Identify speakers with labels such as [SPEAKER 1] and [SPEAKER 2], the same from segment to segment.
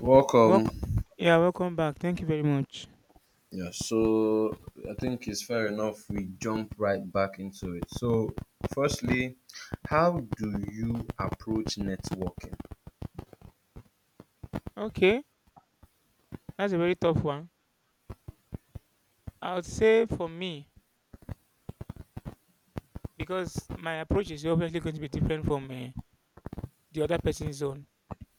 [SPEAKER 1] Welcome.
[SPEAKER 2] Welcome. Yeah, welcome back. Thank you very much.
[SPEAKER 1] Yeah, so I think it's fair enough we jump right back into it. So, firstly, how do you approach networking?
[SPEAKER 2] Okay, that's a very tough one. I would say for me, because my approach is obviously going to be different from the other person's own.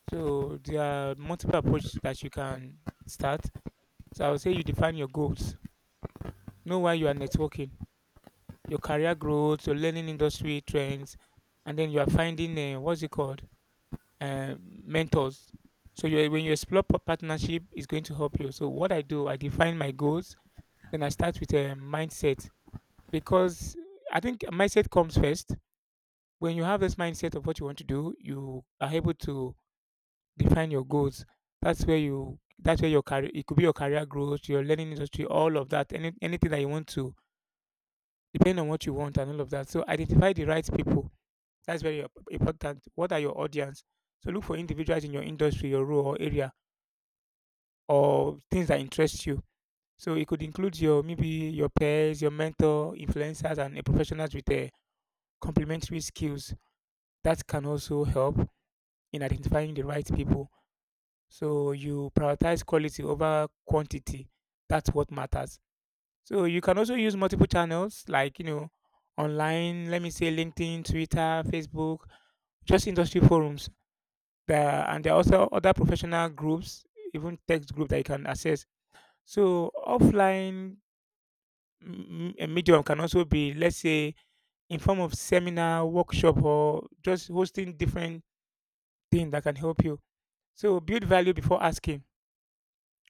[SPEAKER 2] So there are multiple approaches that you can start. So I would say you define your goals. Know why you are networking, your career growth, your learning industry trends, and then you are finding what's it called, mentors. So you, when you explore partnership, it's going to help you. So what I do, I define my goals. Then I start with a mindset because I think mindset comes first. When you have this mindset of what you want to do, you are able to define your goals. That's where you, that's where your career, it could be your career growth, your learning industry, all of that, anything that you want to, depending on what you want and all of that. So identify the right people. That's very important. What are your audience? So look for individuals in your industry, your role or area, or things that interest you. So it could include your, maybe your peers, your mentor, influencers, and a professionals with a complementary skills that can also help in identifying the right people. So you prioritize quality over quantity. That's what matters. So you can also use multiple channels like, online, let me say LinkedIn, Twitter, Facebook, just industry forums. There, and there are also other professional groups, even text group that you can access. So offline medium can also be, let's say, in form of seminar, workshop, or just hosting different thing that can help you. So build value before asking.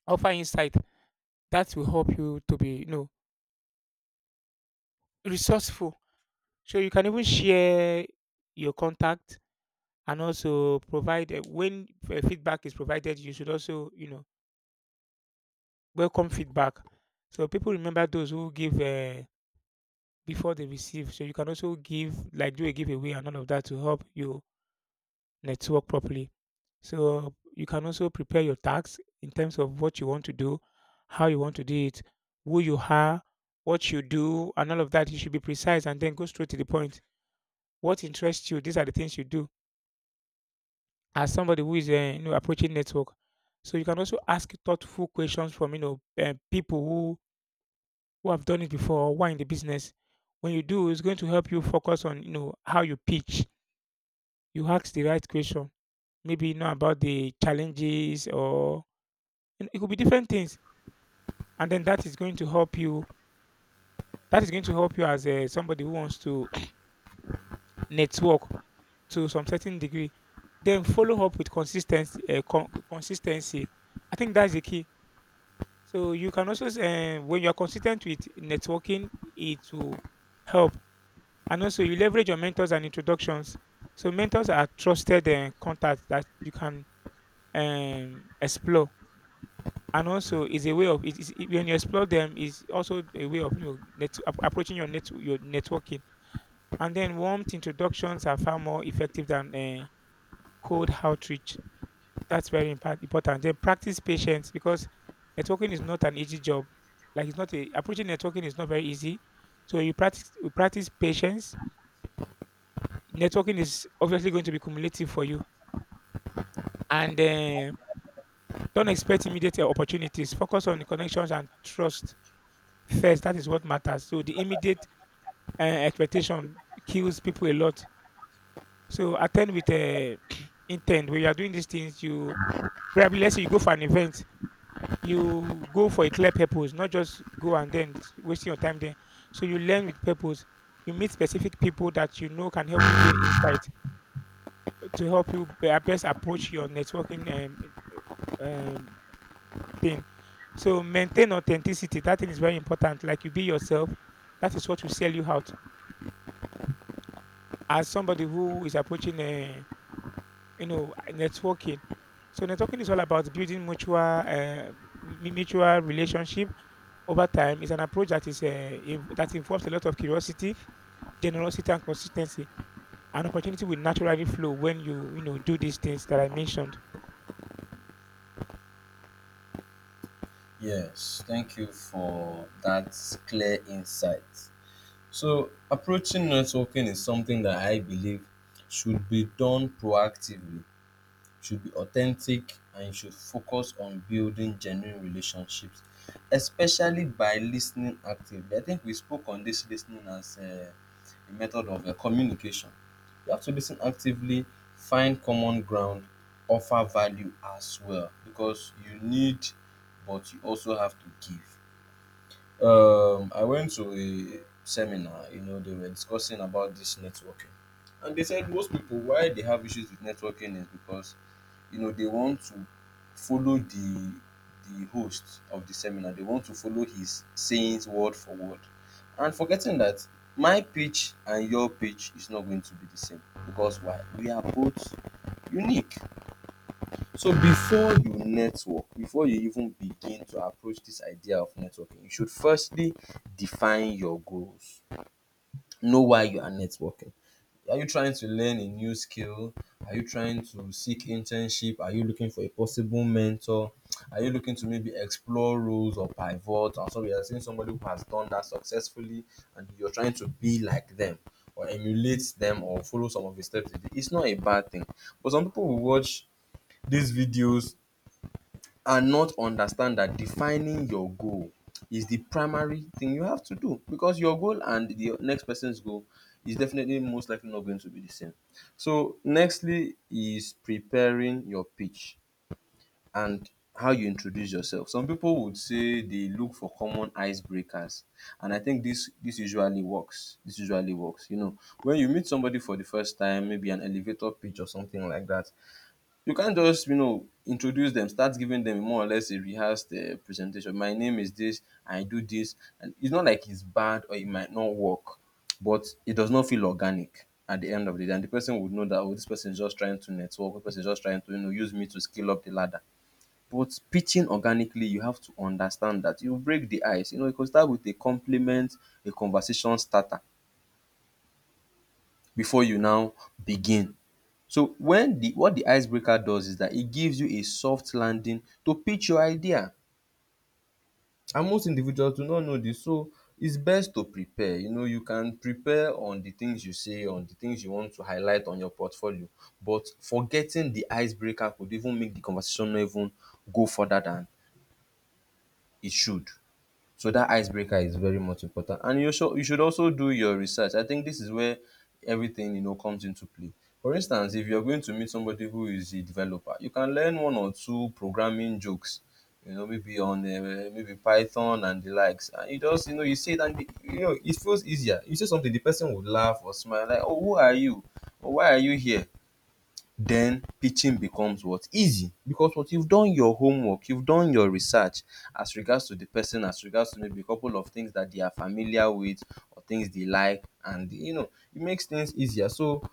[SPEAKER 2] Offer insight that will help you to be, resourceful. So you can even share your contact and also provide, when feedback is provided. You should also, welcome feedback. So people remember those who give before they receive. So you can also give, like do a giveaway and all of that to help you, let's work properly. So you can also prepare your tasks in terms of what you want to do, how you want to do it, who you are, what you do, and all of that. You should be precise and then go straight to the point. What interests you? These are the things you do as somebody who is, approaching network. So you can also ask thoughtful questions from people who have done it before or who are in the business. When you do, it's going to help you focus on how you pitch. You ask the right question, maybe you know about the challenges or— and it could be different things, and then that is going to help you, as a somebody who wants to network to some certain degree. Then follow up with consistency. Consistency, I think that's the key. So you can also, when you are consistent with networking, it will help, and also you leverage your mentors and introductions. So mentors are trusted contacts that you can explore. And also, is a way of it, when you explore them, is also a way of net, approaching your net your networking. And then warm introductions are far more effective than cold outreach. That's very important. Then practice patience because networking is not an easy job. Like, it's not a approaching networking is not very easy. So you practice, patience. Networking is obviously going to be cumulative for you. And don't expect immediate opportunities. Focus on the connections and trust first. That is what matters. So the immediate expectation kills people a lot. So attend with intent. When you are doing these things, you probably, let's say you go for an event, you go for a clear purpose, not just go and then wasting your time there. So you learn with purpose. You meet specific people that you know can help you gain insight to help you best approach your networking uh, um, thing. So maintain authenticity. That thing is very important. Like, you be yourself. That is what will sell you out. As somebody who is approaching, you know, networking. So networking is all about building mutual, mutual relationship over time. It's an approach that is, that involves a lot of curiosity, generosity, and consistency. An opportunity will naturally flow when you know do these things that I mentioned.
[SPEAKER 1] Yes, thank you for that clear insight. So, approaching networking is something that I believe should be done proactively, should be authentic, and you should focus on building genuine relationships, especially by listening actively. I think we spoke on this listening as method of communication. You have to listen actively, find common ground, offer value as well because you need, but you also have to give. I went to a seminar, you know, they were discussing about this networking, and they said most people why they have issues with networking is because you know they want to follow the host of the seminar. They want to follow his sayings word for word. And forgetting that my pitch and your pitch is not going to be the same. Because why? We are both unique. So before you network, before you even begin to approach this idea of networking, you should firstly define your goals, know why you are networking. Are you trying to learn a new skill? Are you trying to seek internship? Are you looking for a possible mentor? Are you looking to maybe explore roles or pivot? And so we are seeing somebody who has done that successfully and you're trying to be like them or emulate them or follow some of his steps. It's not a bad thing. But some people will watch these videos and not understand that defining your goal is the primary thing you have to do because your goal and the next person's goal is definitely most likely not going to be the same. So, nextly is preparing your pitch and how you introduce yourself. Some people would say they look for common icebreakers, and I think this usually works. This usually works. You know, when you meet somebody for the first time, maybe an elevator pitch or something like that, you can't just you know introduce them, start giving them more or less a rehearsed presentation, my name is this. I do this, and it's not like it's bad or it might not work, but it does not feel organic at the end of the day, and the person would know that, oh, dis person is just trying to network. This person is just trying to you know use me to scale up the ladder. But pitching organically, you have to understand that you break the ice, you know, you go start with a compliment, a conversation starter, before you now begin. So when the, what the icebreaker does is that it gives you a soft landing to pitch your idea, and most individuals do not know this. So it's best to prepare. You know, you can prepare on the things you say, on the things you want to highlight on your portfolio, but forgetting the icebreaker could even make the conversation no even go further than it should. So that icebreaker is very much important. And you should also do your research. I think this is where everything you know comes into play. For instance, if you're going to meet somebody who is a developer, you can learn one or two programming jokes. You know, maybe on maybe Python and the likes. And you just you know you say it and the, you know it feels easier. You say something, the person would laugh or smile like, "Oh, who are you? Or why are you here?" Then teaching becomes what? Easy. Because what? You've done your homework, you've done your research as regards to the person, as regards to maybe a couple of things that they are familiar with or things they like. And, you know, it makes things easier. So,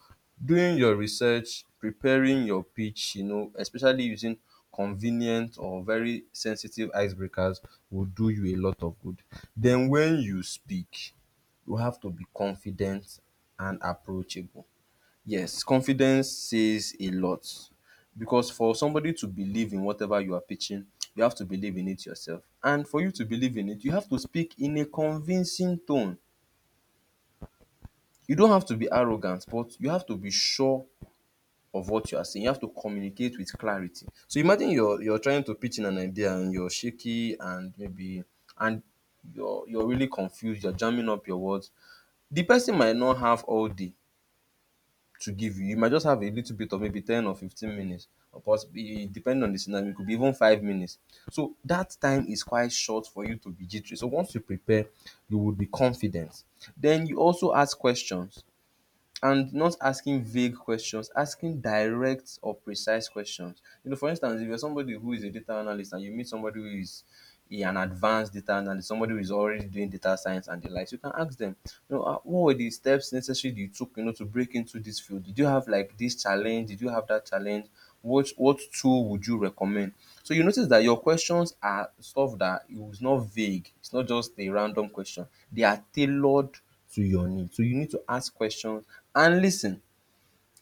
[SPEAKER 1] doing your research, preparing your pitch, you know, especially using convenient or very sensitive icebreakers will do you a lot of good. Then, when you speak, you have to be confident and approachable. Yes, confidence says a lot because for somebody to believe in whatever you are pitching, you have to believe in it yourself. And for you to believe in it, you have to speak in a convincing tone. You don't have to be arrogant, but you have to be sure of what you are saying. You have to communicate with clarity. So imagine you're trying to pitch in an idea and you're shaky and maybe and you're really confused, you're jamming up your words. The person might not have all day to give you. You might just have a little bit of maybe 10 or 15 minutes. Of course, depending on the scenario, it could be even 5 minutes. So that time is quite short for you to be jittery. So once you prepare, you will be confident. Then you also ask questions, and not asking vague questions, asking direct or precise questions. You know, for instance, if you're somebody who is a data analyst and you meet somebody who is an advanced data analyst, somebody who is already doing data science and the likes, you can ask them, you know, "Ah, what were the steps necessary you took, you know, to break into this field? Did you have like this challenge? Did you have that challenge? What tool would you recommend?" So you notice that your questions are stuff that it was not vague. It's not just a random question. They are tailored to your need. So you need to ask questions and listen.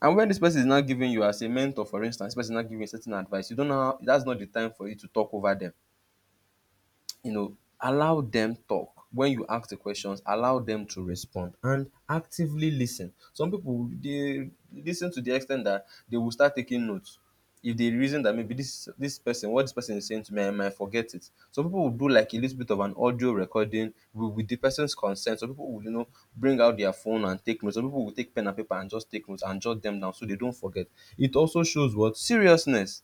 [SPEAKER 1] And when this person is, not giving you as a mentor, for instance, this person is not giving you certain advice, you don't know how, that's not the time for you to talk over them. You know, allow them talk. When you ask the questions, allow them to respond and actively listen. Some people they listen to the extent that they will start taking notes. If they reason that maybe this person, what this person is saying to me, I might forget it. Some people will do like a little bit of an audio recording with the person's consent. Some people will, you know, bring out their phone and take notes. Some people will take pen and paper and just take notes and jot them down so they don't forget. It also shows what seriousness.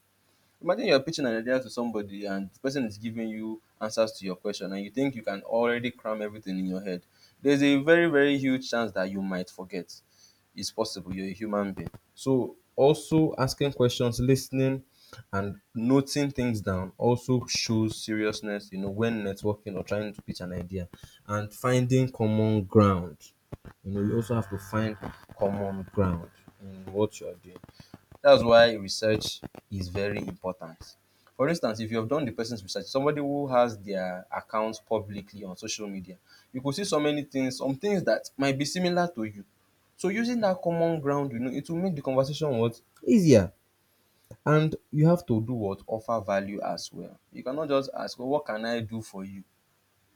[SPEAKER 1] Imagine you're pitching an idea to somebody and the person is giving you answers to your question and you think you can already cram everything in your head. There's a very, very huge chance that you might forget. It's possible. You're a human being. So also asking questions, listening, and noting things down also shows seriousness, you know, when networking or trying to pitch an idea. And finding common ground. You know, you also have to find common ground in what you're doing. That's why research is very important. For instance, if you have done the person's research, somebody who has their account publicly on social media, you could see so many things, some things that might be similar to you. So using that common ground, you know, it will make the conversation what, easier. And you have to do what, offer value as well. You cannot just ask, well, what can I do for you?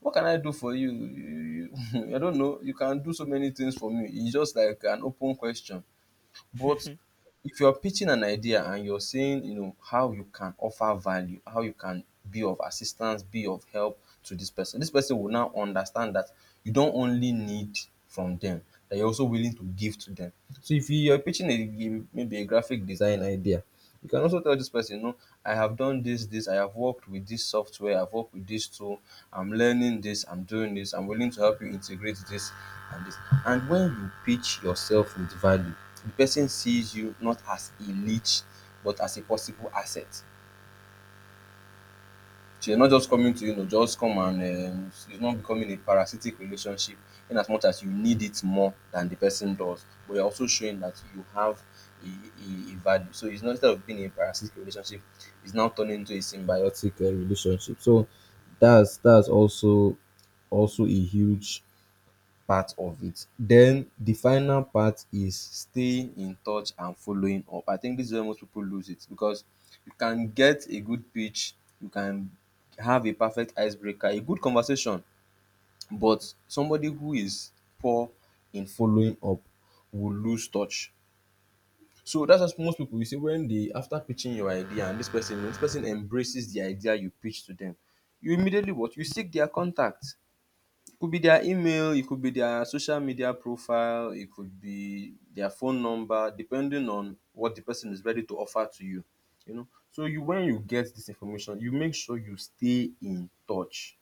[SPEAKER 1] What can I do for you? You I don't know. You can do so many things for me. It's just like an open question. But if you're pitching an idea and you're saying, you know, how you can offer value, how you can be of assistance, be of help to this person will now understand that you don't only need from them, that you're also willing to give to them. So if you're pitching a maybe a graphic design idea, you can also tell this person, no, I have done this, this, I have worked with this software, I've worked with this tool, I'm learning this, I'm doing this, I'm willing to help you integrate this and this. And when you pitch yourself with value, the person sees you not as a leech but as a possible asset. So you're not just coming to you know just come and it's not becoming a parasitic relationship, in as much as you need it more than the person does, but you're also showing that you have a value. So it's not, instead of being a parasitic relationship, it's now turning into a symbiotic relationship. So that's also also a huge part of it. Then the final part is staying in touch and following up. I think this is where most people lose it because you can get a good pitch, you can have a perfect icebreaker, a good conversation, but somebody who is poor in following up will lose touch. So that's what most people you see when they after pitching your idea and this person embraces the idea you pitch to them, you immediately what you seek their contact could be their email, it could be their social media profile, it could be their phone number, depending on what the person is ready to offer to you. You know, so you when you get this information, you make sure you stay in touch.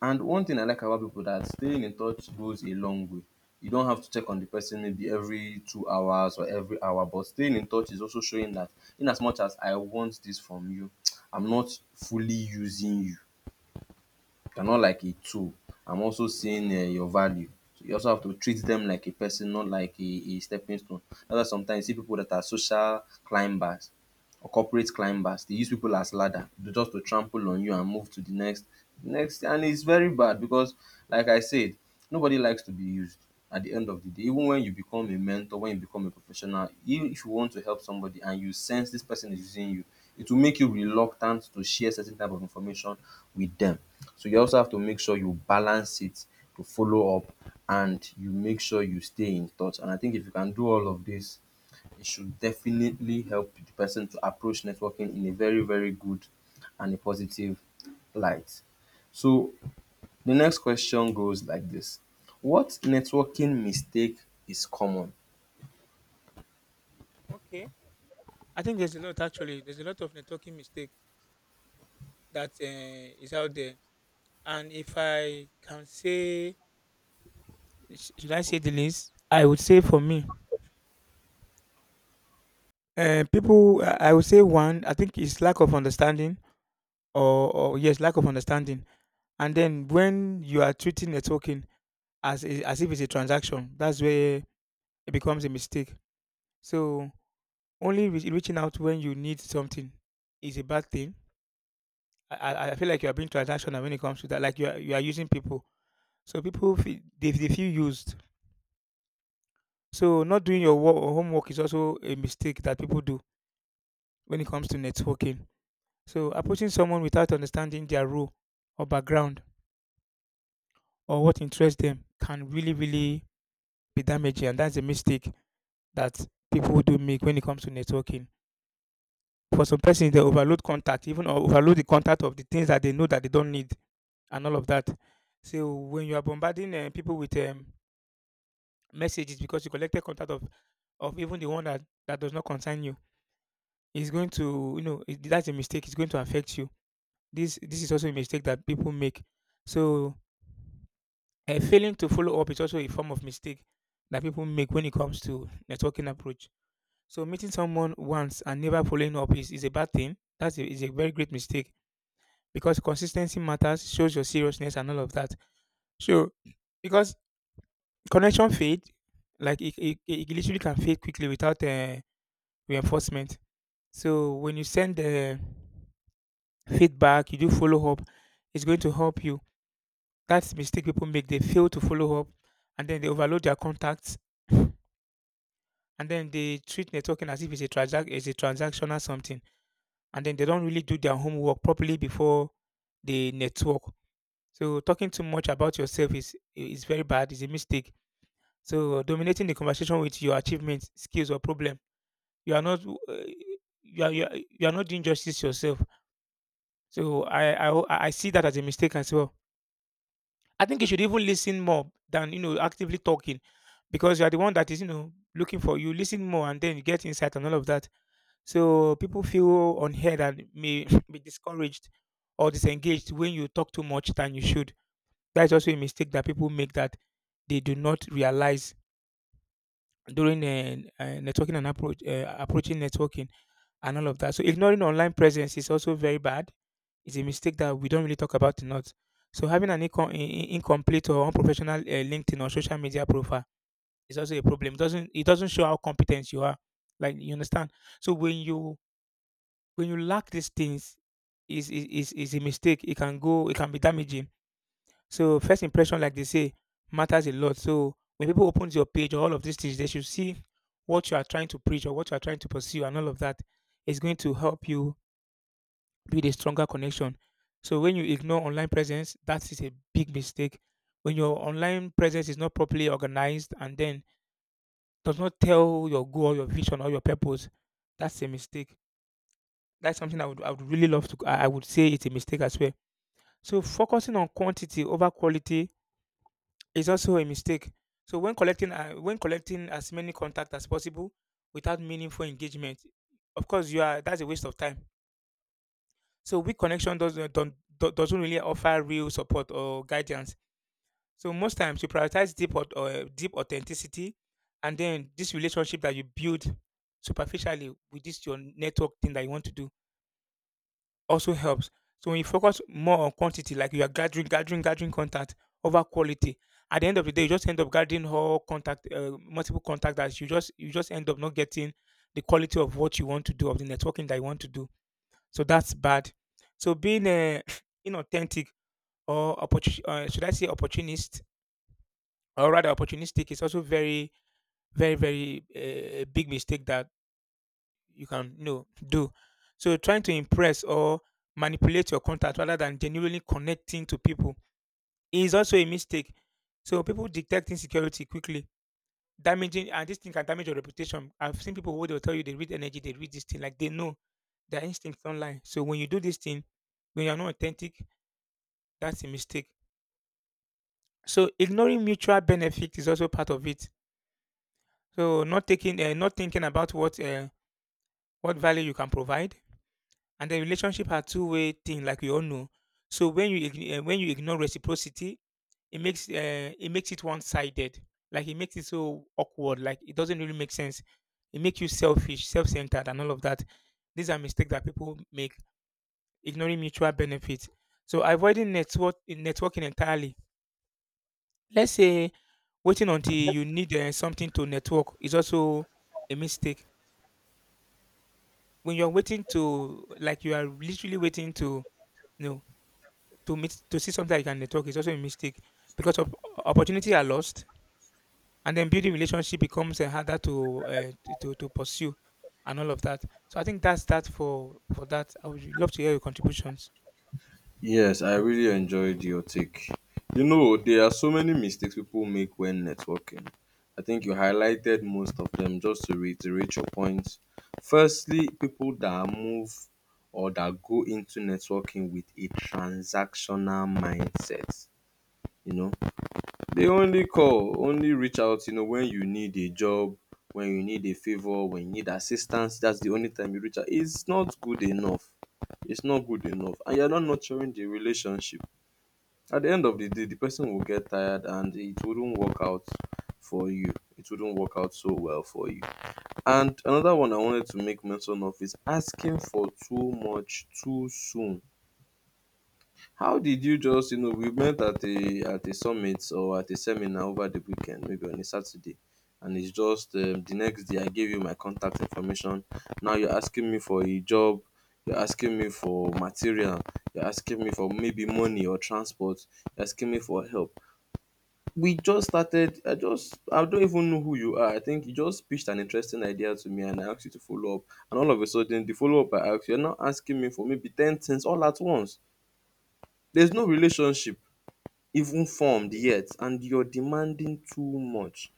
[SPEAKER 1] And one thing I like about people that staying in touch goes a long way. You don't have to check on the person maybe every 2 hours or every hour, but staying in touch is also showing that in as much as I want this from you, I'm not fully using you. They are not like a tool. I'm also seeing your value. So you also have to treat them like a person, not like a stepping stone. That's why sometimes you see people that are social climbers or corporate climbers. They use people as ladder to just to trample on you and move to the next, and it's very bad because like I said, nobody likes to be used at the end of the day. Even when you become a mentor, when you become a professional, even if you want to help somebody and you sense this person is using you, it will make you reluctant to share certain type of information with them. So you also have to make sure you balance it to follow up and you make sure you stay in touch. And I think if you can do all of this, it should definitely help the person to approach networking in a very, very good and a positive light. So the next question goes like this. What networking mistake is common?
[SPEAKER 2] Okay. I think there's a lot actually. There's a lot of networking mistake that is out there, and if I can say— Sh should I say the least? I would say for me, people, I would say one, I think it's lack of understanding, or yes, lack of understanding. And then when you are treating a token as a, as if it's a transaction, that's where it becomes a mistake. So only reaching out when you need something is a bad thing. I feel like you are being transactional when it comes to that. Like, you are using people, so people feel, they feel used. So not doing your work or homework is also a mistake that people do when it comes to networking. So approaching someone without understanding their role or background or what interests them can really be damaging. And that's a mistake that people do make when it comes to networking. For some persons, they overload contact, even or overload the contact of the things that they know that they don't need and all of that. So when you are bombarding people with messages because you collected contact of even the one that, does not concern you, it's going to, you know, it, that's a mistake. It's going to affect you. This is also a mistake that people make. So A failing to follow up is also a form of mistake that people make when it comes to networking approach. So meeting someone once and never following up is a bad thing. That's a, is a very great mistake because consistency matters, shows your seriousness and all of that. So because connection fade, it literally can fade quickly without reinforcement. So when you send the feedback, you do follow up, it's going to help you. That's mistake people make. They fail to follow up, and then they overload their contacts, and then they treat networking as if it's a transac it's a transactional something, and then they don't really do their homework properly before they network. So talking too much about yourself is very bad. It's a mistake. So dominating the conversation with your achievements, skills, or problem, you are not, you are, not doing justice to yourself. So I see that as a mistake as well. I think you should even listen more than, actively talking, because you are the one that is, looking for, you listen more and then you get insight and all of that. So people feel unheard and may be discouraged or disengaged when you talk too much than you should. That is also a mistake that people make that they do not realize during networking and approach, approaching networking and all of that. So ignoring online presence is also very bad. It's a mistake that we don't really talk about enough. So having an incomplete or unprofessional LinkedIn or social media profile is also a problem. It doesn't show how competent you are. Like, you understand. So when you, lack these things is a mistake. It can be damaging. So first impression, like they say, matters a lot. So when people open your page or all of these things, they should see what you are trying to preach or what you are trying to pursue, and all of that is going to help you build a stronger connection. So when you ignore online presence, that is a big mistake. When your online presence is not properly organized and then does not tell your goal, your vision, or your purpose, that's a mistake. That's something I would really love to, I would say it's a mistake as well. So focusing on quantity over quality is also a mistake. So when collecting, as many contacts as possible without meaningful engagement, of course you are, that's a waste of time. So weak connection doesn't don't, do- doesn't really offer real support or guidance. So most times you prioritize deep, or deep authenticity, and then this relationship that you build superficially with this your network thing that you want to do also helps. So when you focus more on quantity, like you are gathering, contact over quality, at the end of the day, you just end up gathering all contact, multiple contact that you just, end up not getting the quality of what you want to do, of the networking that you want to do. So that's bad. So being inauthentic or should I say opportunist, or rather opportunistic, is also very big mistake that you can, do. So trying to impress or manipulate your contact rather than genuinely connecting to people is also a mistake. So people detect insecurity quickly, damaging, and this thing can damage your reputation. I've seen people who they will tell you they read energy, they read this thing, like they know their instincts online. So when you do this thing, when you're not authentic, that's a mistake. So ignoring mutual benefit is also part of it. So not taking, not thinking about what value you can provide, and the relationship are two-way thing, like we all know. So when you when you ignore reciprocity, it makes it one sided. Like, it makes it so awkward, like it doesn't really make sense. It makes you selfish, self centered, and all of that. These are mistakes that people make, ignoring mutual benefits. So avoiding networking entirely, let's say waiting until you need something to network, is also a mistake. When you're waiting to, like you are literally waiting to— no. To meet, to see something, like a network, is also a mistake because of, opportunity are lost, and then building relationship becomes harder to, to pursue, and all of that. So I think that's that for, that. I would love to hear your contributions.
[SPEAKER 1] Yes, I really enjoyed your take. You know, there are so many mistakes people make when networking. I think you highlighted most of them just to reiterate your points. Firstly, people that move or that go into networking with a transactional mindset. You know, they only call, only reach out, you know, when you need a job, when you need a favor, when you need assistance. That's the only time you reach out. It's not good enough. It's not good enough. And you're not nurturing the relationship. At the end of the day, the person will get tired and it wouldn't work out for you, it wouldn't work out so well for you. And another one I wanted to make mention of is asking for too much too soon. How did you just, you know, we met at a summit or at a seminar over the weekend, maybe on a Saturday, and it's just the next day I gave you my contact information. Now you're asking me for a job, you're asking me for material, you're asking me for maybe money or transport, you're asking me for help. We just started. I just, I don't even know who you are. I think you just pitched an interesting idea to me and I asked you to follow up. And all of a sudden, the follow up I asked, you're now asking me for maybe 10 things all at once. There's no relationship even formed yet, and you're demanding too much.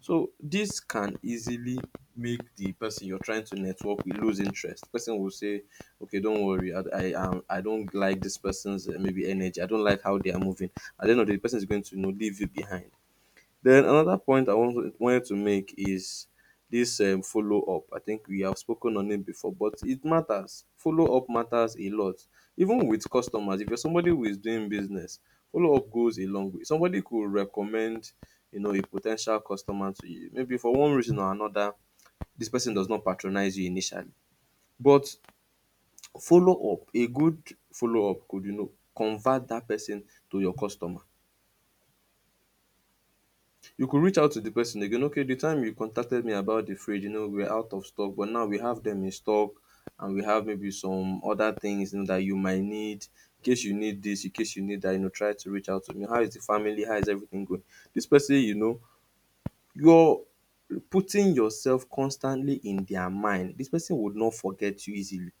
[SPEAKER 1] So, this can easily make the person you're trying to network with lose interest. Person will say, "Okay, don't worry, I don't like this person's maybe energy, I don't like how they are moving." At the end of the day, the person is going to, you know, leave you behind. Then another point I wanted to make is this follow up. I think we have spoken on it before, but it matters. Follow up matters a lot. Even with customers, if you're somebody who is doing business, follow up goes a long way. Somebody could recommend, you know, a potential customer to you. Maybe for one reason or another, this person does not patronize you initially. But follow up, a good follow up could, you know, convert that person to your customer. You could reach out to the person again. Okay, the time you contacted me about the fridge, you know, we're out of stock, but now we have them in stock, and we have maybe some other things, you know, that you might need. In case you need this, in case you need that, you know, try to reach out to me. How is the family, how is everything going? This person, you know, you're putting yourself constantly in their mind. This person would not forget you easily.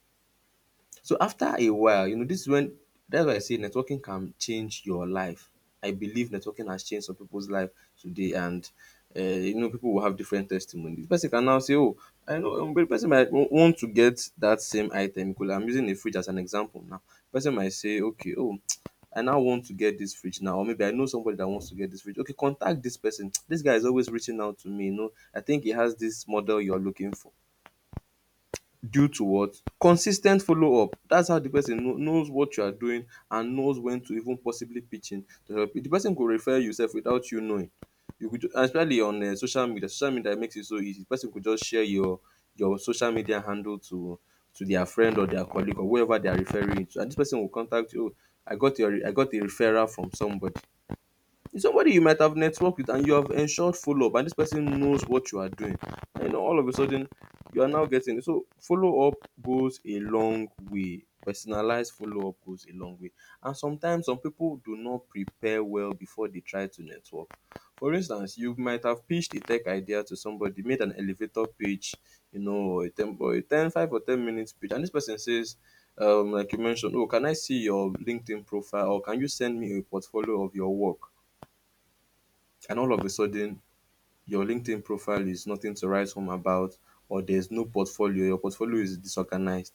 [SPEAKER 1] So after a while, you know, this is when that's why I say networking can change your life. I believe networking has changed some people's life today, and you know, people will have different testimonies. The person can now say, "Oh, I know." But the person might want to get that same item. Because I'm using a fridge as an example now. Person might say, "Okay, oh, I now want to get this fridge now, or maybe I know somebody that wants to get this fridge. Okay, contact this person. This guy is always reaching out to me. You know, I think he has this model you're looking for." Due to what? Consis ten t follow up. That's how the person knows what you are doing and knows when to even possibly pitch in to help you. The person go refer you sef without you knowing. You go, especially on social media. Social media makes it so easy. The person go just share your social media handle to their friend or their colleague or whoever they are referring you to, and this person go contact you. Oh, I got a referral from somebody. It's somebody you might have networked with and you have ensured follow up, and this person knows what you are doing. And you know, all of a sudden, you are now getting, so follow up goes a long way. Personalized follow up goes a long way. And sometimes some people do not prepare well before they try to network. For instance, you might have pitched a tech idea to somebody, made an elevator pitch, you know, or a 10, or a 10 five or 10 minutes pitch, and this person says, like you mentioned, "Oh, can I see your LinkedIn profile or can you send me a portfolio of your work?" And all of a sudden your LinkedIn profile is nothing to write home about, or there's no portfolio, your portfolio is disorganized.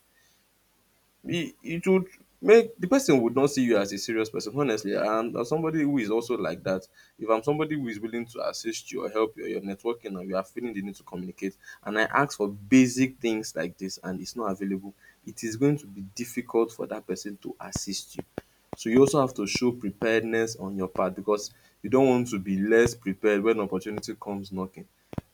[SPEAKER 1] It would make the person would not see you as a serious person, honestly. And as somebody who is also like that, if I'm somebody who is willing to assist you or help you, or you're networking or you are feeling the need to communicate, and I ask for basic things like this and it's not available, it is going to be difficult for that person to assist you. So you also have to show preparedness on your part, because you don't want to be less prepared when opportunity comes knocking.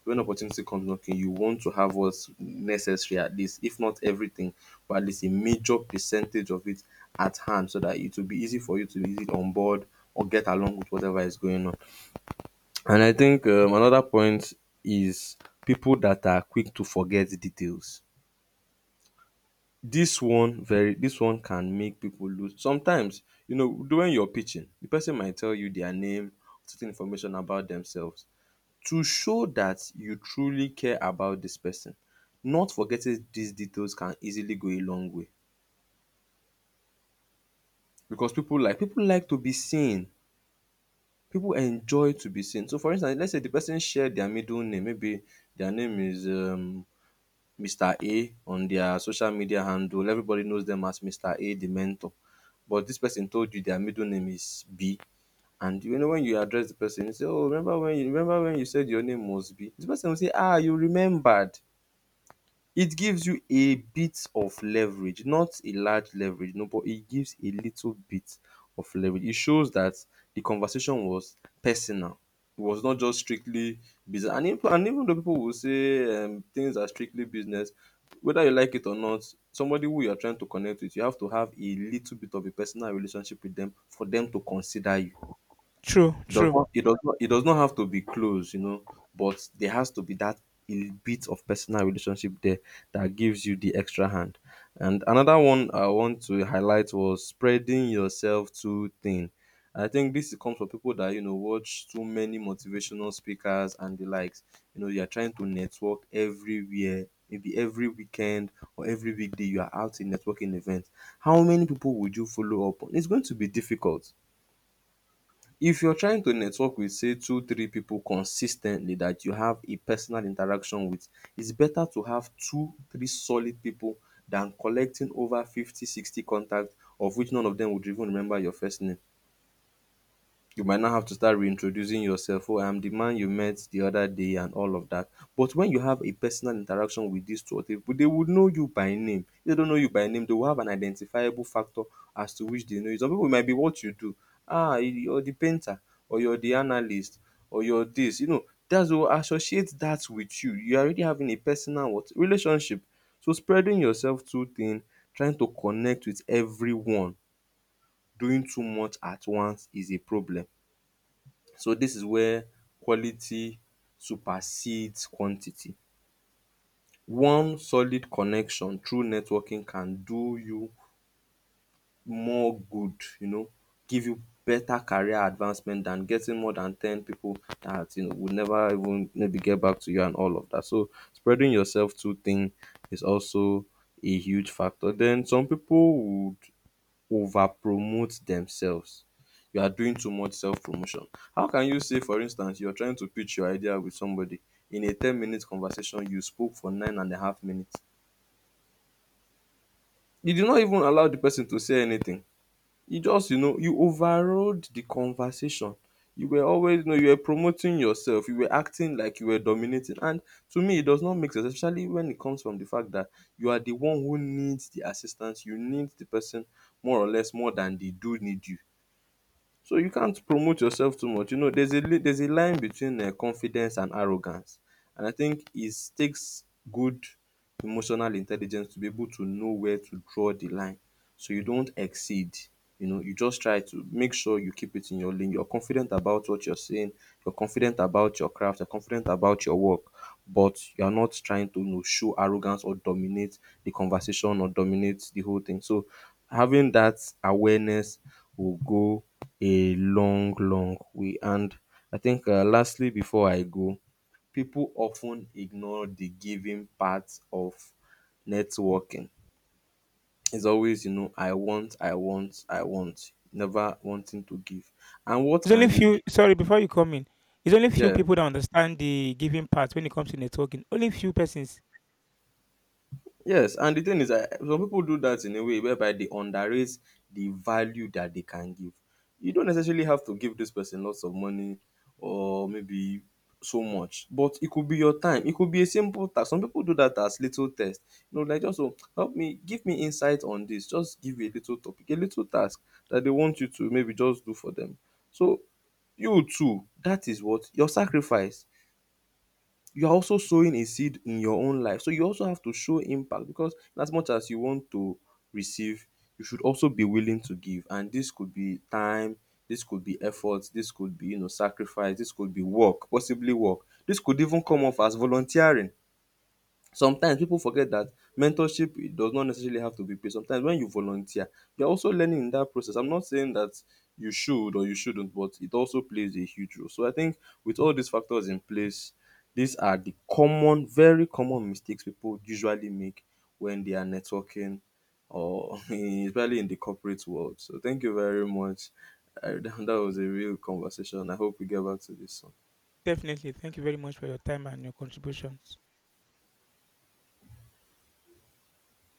[SPEAKER 1] When opportunity comes knocking, you want to have what's necessary, at least, if not everything, but at least a major percentage of it at hand, so that it will be easy for you to be easy on board or get along with whatever is going on. And I think another point is people that are quick to forget details. This one can make people lose sometimes, you know, during your pitching, the person might tell you their name, certain information about themselves, to show that you truly care about this person. Not forgetting these details can easily go a long way, because people like to be seen. People enjoy to be seen. So for instance, let's say the person share their middle name. Maybe their name is Mr. A on their social media handle. Everybody knows them as Mr. A, the mentor. But this person told you their middle name is B. And you know when you address the person, you say, "Oh, remember when you said your name was B?" The person will say, "Ah, you remembered." It gives you a bit of leverage, not a large leverage, no, but it gives a little bit of leverage. It shows that the conversation was personal. It was not just strictly business. And, if, and even though people will say things are strictly business, whether you like it or not, somebody who you are trying to connect with, you have to have a little bit of a personal relationship with them for them to consider you.
[SPEAKER 2] True,
[SPEAKER 1] It does
[SPEAKER 2] true.
[SPEAKER 1] not it does not it does not have to be close, you know, but there has to be that a bit of personal relationship there that gives you the extra hand. And another one I want to highlight was spreading yourself too thin. I think this comes from people that watch too many motivational speakers and the likes. You are trying to network everywhere, maybe every weekend or every weekday you are out in networking events. How many people would you follow up on? It's going to be difficult. If you're trying to network with, say, two three people consis ten tly that you have a personal interaction with, it's better to have two three solid people than collecting over 50 60 contact of which none of them would even remember your first name. You might now have to start reintroducing yourself. Oh, I'm the man you met the other day and all of that. But when you have a personal interaction with these two or three people, they would know you by name. If they don't know you by name, they will have an identifiable factor as to which they know you. Some people might be what you do. Ah, you're the painter, or you're the analyst, or you're this. That's will associate that with you. You're already having a personal what relationship. So spreading yourself too thin, trying to connect with everyone, doing too much at once is a problem. So this is where quality supersedes quantity. One solid connection through networking can do you more good, give you better career advancement than getting more than ten people that you know will never even maybe get back to you and all of that. So spreading yourself too thin is also a huge factor. Then some people would over promote themselves. You are doing too much self promotion. How can you say, for instance, you are trying to pitch your idea with somebody in a 10-minute conversation, you spoke for 9.5 minutes? You did not even allow the person to say anything. You just, you overrode the conversation. You were always, you were promoting yourself. You were acting like you were dominating. And to me, it does not make sense, especially when it comes from the fact that you are the one who needs the assistance. You need the person more or less more than they do need you. So you can't promote yourself too much. There's there's a line between confidence and arrogance, and I think it takes good emotional intelligence to be able to know where to draw the line. So you don't exceed. You just try to make sure you keep it in your lane. You're confident about what you're saying. You're confident about your craft. You're confident about your work, but you're not trying to show arrogance or dominate the conversation or dominate the whole thing. So having that awareness will go a long, long way. And I think, lastly, before I go, people often ignore the giving part of networking. It's always, I want, I want, I want, never wanting to give. And what
[SPEAKER 2] There's
[SPEAKER 1] can
[SPEAKER 2] only
[SPEAKER 1] you
[SPEAKER 2] few.
[SPEAKER 1] give?
[SPEAKER 2] Sorry, before you come in, there's only few
[SPEAKER 1] Yeah.
[SPEAKER 2] people that understand the giving part when it comes to networking. Only few persons.
[SPEAKER 1] Yes, and the thing is that some people do that in a way whereby they underrate the value that they can give. You don't necessarily have to give this person lots of money or maybe so much, but it could be your time. It could be a simple task. Some people do that as little test. Like, just oh, help me, give me insight on this. Just give a little topic, a little task that they want you to maybe just do for them. So you too, that is what your sacrifice you're also sowing a seed in your own life. So you also have to show impact because as much as you want to receive, you should also be willing to give. And this could be time, this could be effort, this could be, sacrifice, this could be work, possibly work. This could even come off as volunteering. Sometimes people forget that mentorship it does not necessarily have to be paid. Sometimes when you volunteer you're also learning in that process. I'm not saying that you should or you shouldn't, but it also plays a huge role. So I think with all these factors in place, these are the common very common mistakes people usually make when they are networking or especially in the corporate world. So thank you very much. That was a real conversation. I hope we get back to this one
[SPEAKER 2] Definitely. Thank you very much for your time and your contributions.